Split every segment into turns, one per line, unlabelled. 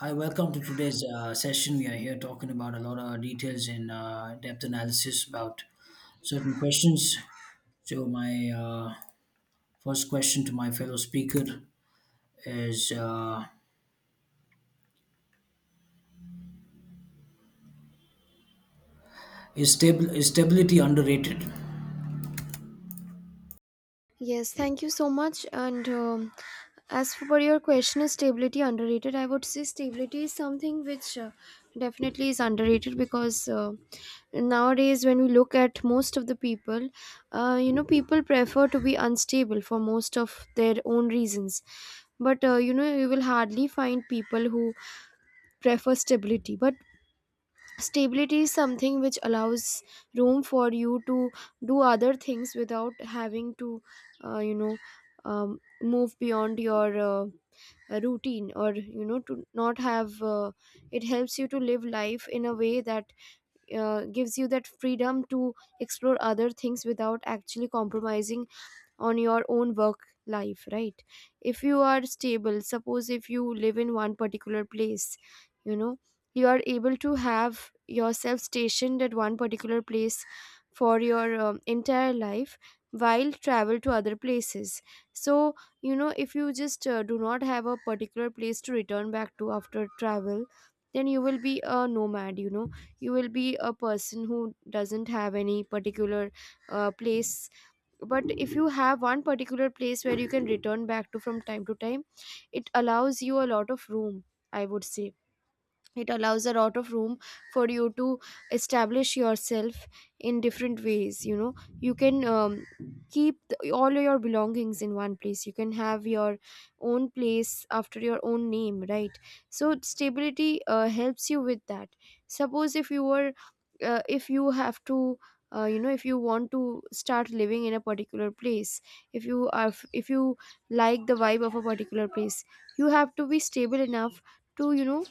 Hi, welcome to today's session. We are here talking about a lot of details and depth analysis about certain questions. So, my first question to my fellow speaker is is stability underrated?
Yes, thank you so much. And as for your question, is stability underrated? I would say stability is something which definitely is underrated because nowadays, when we look at most of the people, you know, people prefer to be unstable for most of their own reasons. But you know, you will hardly find people who prefer stability. But stability is something which allows room for you to do other things without having to uh, you know move beyond your routine, or you know, to not have it helps you to live life in a way that gives you that freedom to explore other things without actually compromising on your own work life, right? If you are stable, suppose if you live in one particular place, you know, you are able to have yourself stationed at one particular place for your entire life while travel to other places. So you know, if you just do not have a particular place to return back to after travel, then you will be a nomad, you know. You will be a person who doesn't have any particular place. But if you have one particular place where you can return back to from time to time, it allows you a lot of room. I would say it allows a lot of room for you to establish yourself in different ways. You know, you can keep all your belongings in one place. You can have your own place after your own name, right? So stability helps you with that. Suppose if you were if you have to you know, if you want to start living in a particular place, if you are if you like the vibe of a particular place, you have to be stable enough to you know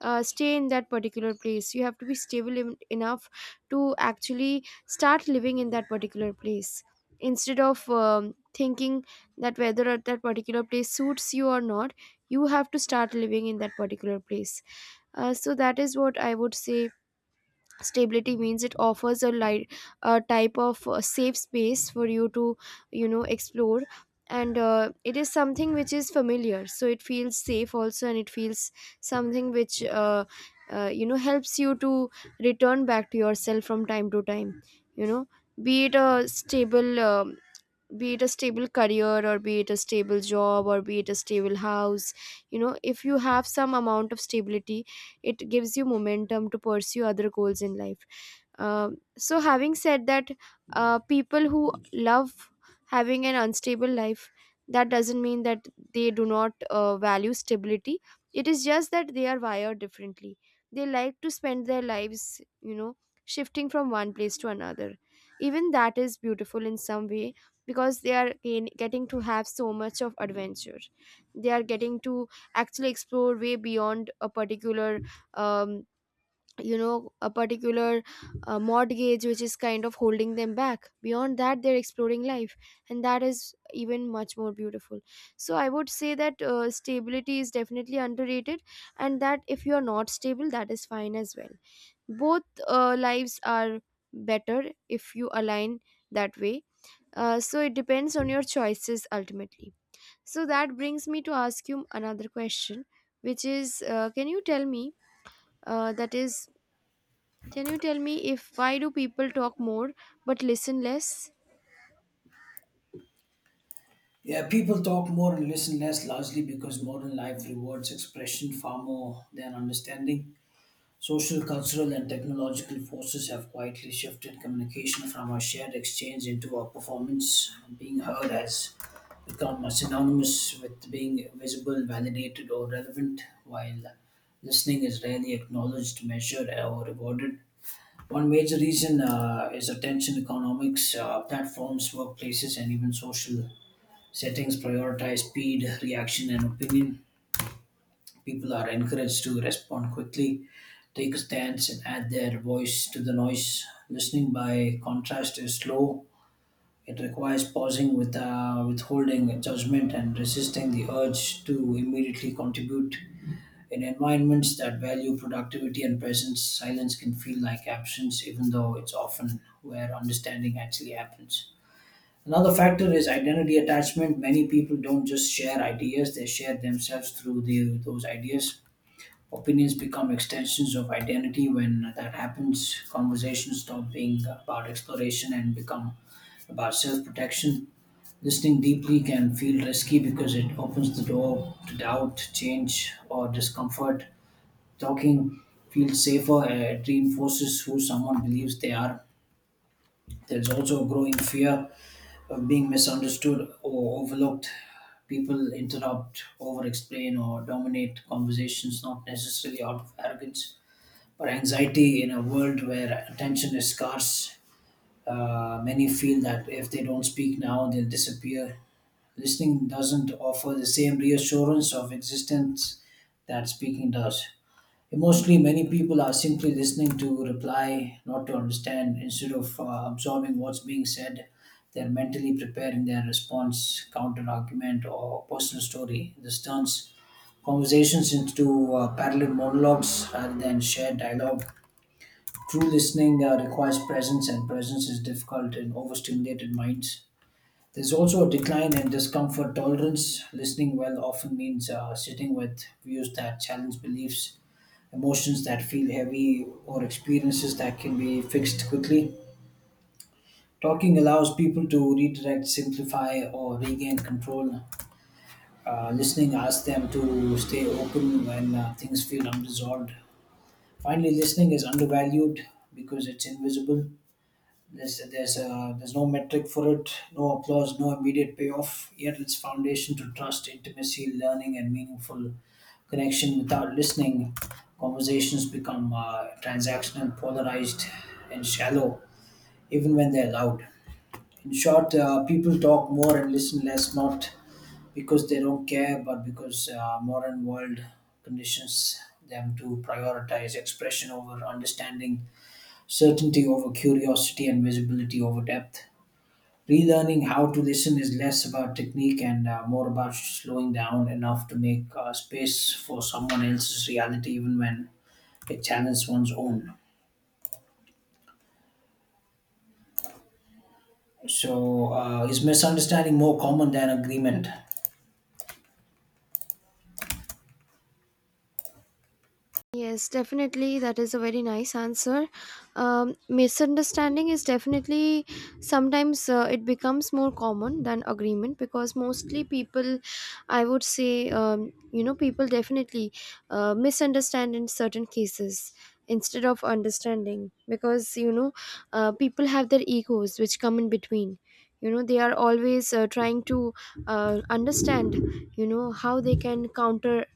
stay in that particular place. You have to be stable enough to actually start living in that particular place instead of thinking that whether at that particular place suits you or not. You have to start living in that particular place. So that is what I would say stability means. It offers a light, a type of safe space for you to you know explore. And it is something which is familiar, so it feels safe also, and it feels something which you know, helps you to return back to yourself from time to time, you know. Be it a stable career, or be it a stable job, or be it a stable house, you know, if you have some amount of stability, it gives you momentum to pursue other goals in life. So having said that, people who love having an unstable life, that doesn't mean that they do not value stability. It is just that they are wired differently. They like to spend their lives, you know, shifting from one place to another. Even that is beautiful in some way, because they are getting to have so much of adventure. They are getting to actually explore way beyond a particular um, you know, a particular mortgage which is kind of holding them back. Beyond that, they're exploring life, and that is even much more beautiful. So I would say that stability is definitely underrated, and that if you are not stable, that is fine as well. Both lives are better if you align that way. So it depends on your choices ultimately. So that brings me to ask you another question, which is, can you tell me? That is, can you tell me if why do people talk more but listen less?
Yeah, people talk more and listen less, largely because modern life rewards expression far more than understanding. Social, cultural, and technological forces have quietly shifted communication from a shared exchange into a performance. Being heard has become synonymous with being visible, validated, or relevant, while listening is rarely acknowledged, measured, or rewarded. One major reason is attention economics. Platforms, workplaces, and even social settings prioritize speed, reaction, and opinion. People are encouraged to respond quickly, take a stance, and add their voice to the noise. Listening, by contrast, is slow. It requires pausing with withholding judgment and resisting the urge to immediately contribute. In environments that value productivity and presence, silence can feel like absence, even though it's often where understanding actually happens. Another factor is identity attachment. Many people don't just share ideas, they share themselves through those ideas. Opinions become extensions of identity. When that happens, conversations stop being about exploration and become about self protection. Listening deeply can feel risky because it opens the door to doubt, change, or discomfort. Talking feels safer, it reinforces who someone believes they are. There's also a growing fear of being misunderstood or overlooked. People interrupt, over explain, or dominate conversations, not necessarily out of arrogance or anxiety in a world where attention is scarce. Many feel that if they don't speak now, they'll disappear. Listening doesn't offer the same reassurance of existence that speaking does. Emotionally, many people are simply listening to reply, not to understand. Instead of absorbing what's being said, they're mentally preparing their response, counter argument, or personal story. This turns conversations into parallel monologues rather than shared dialogue. True listening requires presence, and presence is difficult in overstimulated minds. There's also a decline in discomfort tolerance. Listening well often means sitting with views that challenge beliefs, emotions that feel heavy, or experiences that can be fixed quickly. Talking allows people to redirect, simplify, or regain control. Listening asks them to stay open when things feel unresolved. Finally, listening is undervalued because it's invisible. There's no metric for it, no applause, no immediate payoff. Yet its foundation to trust, intimacy, learning, and meaningful connection. Without listening, conversations become transactional, polarized, and shallow, even when they're loud. In short, people talk more and listen less, not because they don't care, but because modern world conditions them to prioritize expression over understanding, certainty over curiosity, and visibility over depth. Relearning how to listen is less about technique and more about slowing down enough to make space for someone else's reality, even when it challenges one's own. So, is misunderstanding more common than agreement?
Yes, definitely. That is a very nice answer. Misunderstanding is definitely sometimes it becomes more common than agreement, because mostly people, I would say, you know, people definitely misunderstand in certain cases instead of understanding, because, you know, people have their egos which come in between. You know, they are always trying to understand, you know, how they can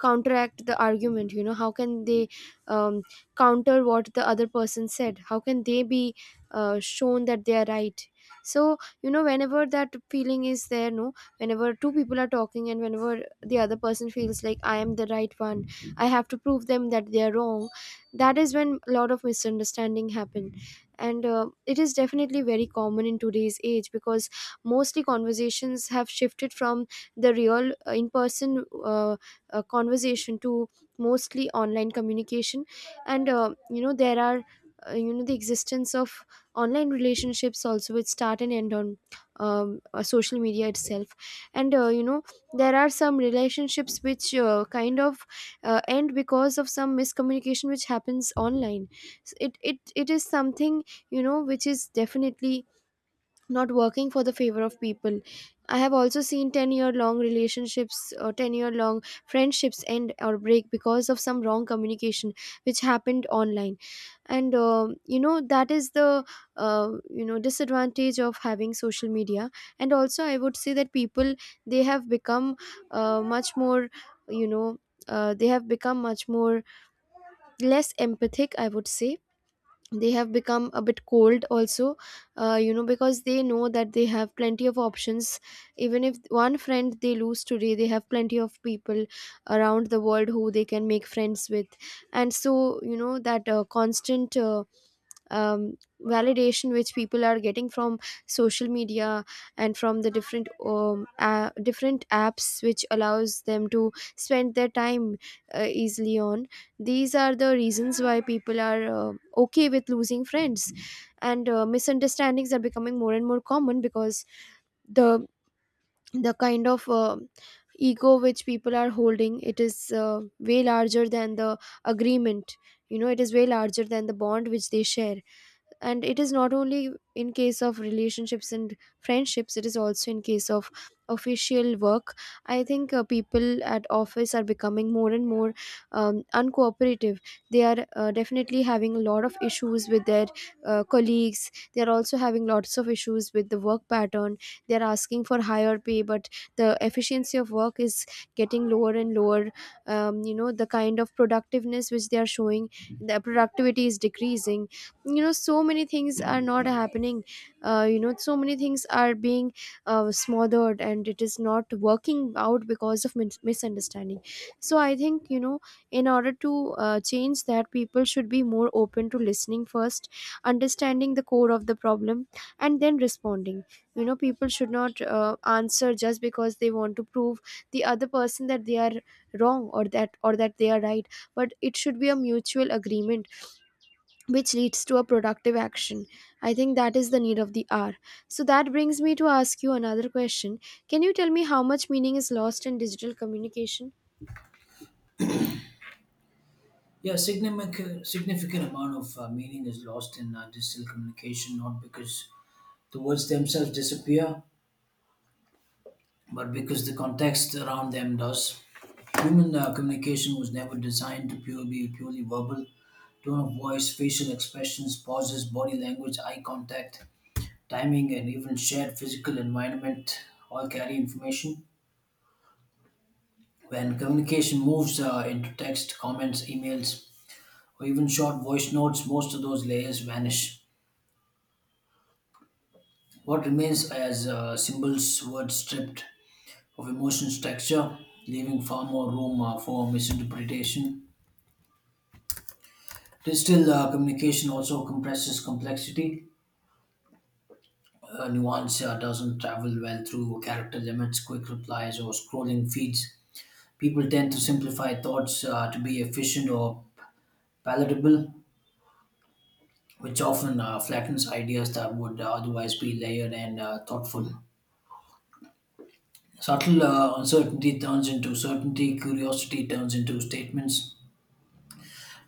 counteract the argument. You know, how can they um, counter what the other person said? How can they be shown that they are right? So you know, whenever that feeling is there, no, whenever two people are talking, and whenever the other person feels like I am the right one, I have to prove them that they are wrong, that is when a lot of misunderstanding happen. And it is definitely very common in today's age, because mostly conversations have shifted from the real in person conversation to mostly online communication. And you know, there are you know, the existence of online relationships also, which start and end on social media itself. And you know, there are some relationships which kind of end because of some miscommunication which happens online. It is something, you know, which is definitely not working for the favor of people. I have also seen 10-year long relationships or 10-year long friendships end or break because of some wrong communication which happened online. And um, you know, that is the you know, disadvantage of having social media. And also I would say that people, they have become much more you know they have become much more less empathic, I would say. They have become a bit cold also, you know, because they know that they have plenty of options. Even if one friend they lose today, they have plenty of people around the world who they can make friends with. And so you know, that constant validation which people are getting from social media, and from the different different apps which allows them to spend their time easily on, these are the reasons why people are okay with losing friends. And misunderstandings are becoming more and more common, because the the kind of ego which people are holding, it is way larger than the agreement. You know, it is way larger than the bond which they share. And it is not only in case of relationships and friendships, it is also in case of official work. I think people at office are becoming more and more uncooperative. They are definitely having a lot of issues with their colleagues. They are also having lots of issues with the work pattern. They are asking for higher pay, but the efficiency of work is getting lower and lower. You know, the kind of productiveness which they are showing, the productivity is decreasing. You know, so many things are not happening. You know, so many things are being smothered, and it is not working out because of misunderstanding. So I think you know, in order to change that, people should be more open to listening first, understanding the core of the problem, and then responding. You know, people should not answer just because they want to prove the other person that they are wrong, or that they are right. But it should be a mutual agreement which leads to a productive action. I think that is the need of the hour. So that brings me to ask you another question. Can you tell me how much meaning is lost in digital communication?
Yeah, significant amount of meaning is lost in digital communication, not because the words themselves disappear, but because the context around them does. Human communication was never designed to be purely verbal. Tone of voice, facial expressions, pauses, body language, eye contact, timing, and even shared physical environment all carry information. When communication moves into text, comments, emails, or even short voice notes, most of those layers vanish. What remains as symbols, words stripped of emotion structure, leaving far more room for misinterpretation. Digital communication also compresses complexity. Nuance doesn't travel well through character limits, quick replies, or scrolling feeds. People tend to simplify thoughts to be efficient or palatable, which often flattens ideas that would otherwise be layered and thoughtful. Subtle uncertainty turns into certainty, curiosity turns into statements,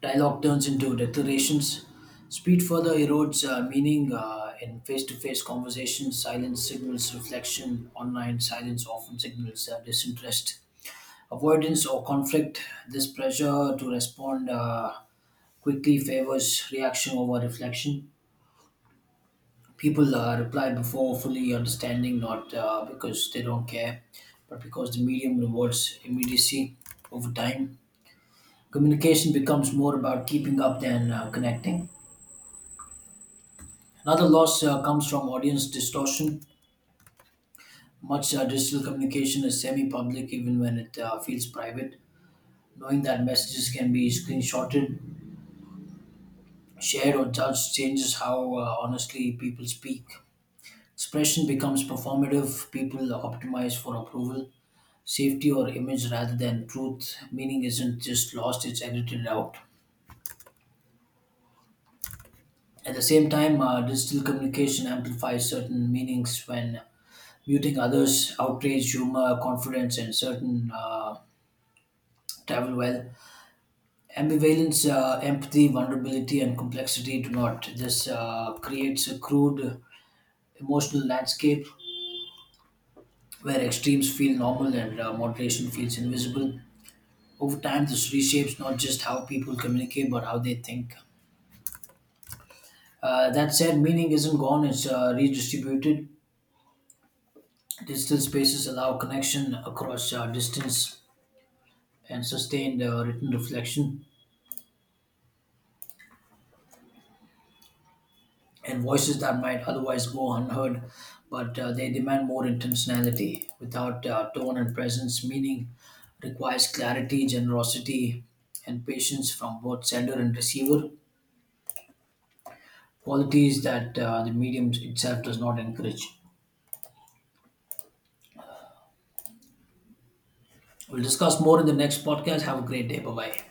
dialogue turns into declarations. Speed further erodes meaning in face to face conversations. Silence signals reflection. Online silence often signals disinterest, avoidance, or conflict. This pressure to respond quickly favors reaction over reflection. People reply before fully understanding, not because they don't care, but because the medium rewards immediacy over time. Communication becomes more about keeping up than connecting. Another loss comes from audience distortion. Much digital communication is semi public, even when it feels private. Knowing that messages can be screenshotted, shared, or judged changes how honestly people speak. Expression becomes performative, people optimize for approval, safety, or image rather than truth. Meaning isn't just lost, it's edited out. At the same time, digital communication amplifies certain meanings when muting others, outrage, humor, confidence, and certain travel well. Ambivalence, empathy, vulnerability, and complexity do not. This creates a crude emotional landscape where extremes feel normal and moderation feels invisible. Over time, this reshapes not just how people communicate but how they think. That said, meaning isn't gone, it's redistributed. Digital spaces allow connection across distance and sustained written reflection. And voices that might otherwise go unheard, but they demand more intentionality without tone and presence. Meaning requires clarity, generosity, and patience from both sender and receiver, qualities that the medium itself does not encourage. We'll discuss more in the next podcast. Have a great day. Bye bye.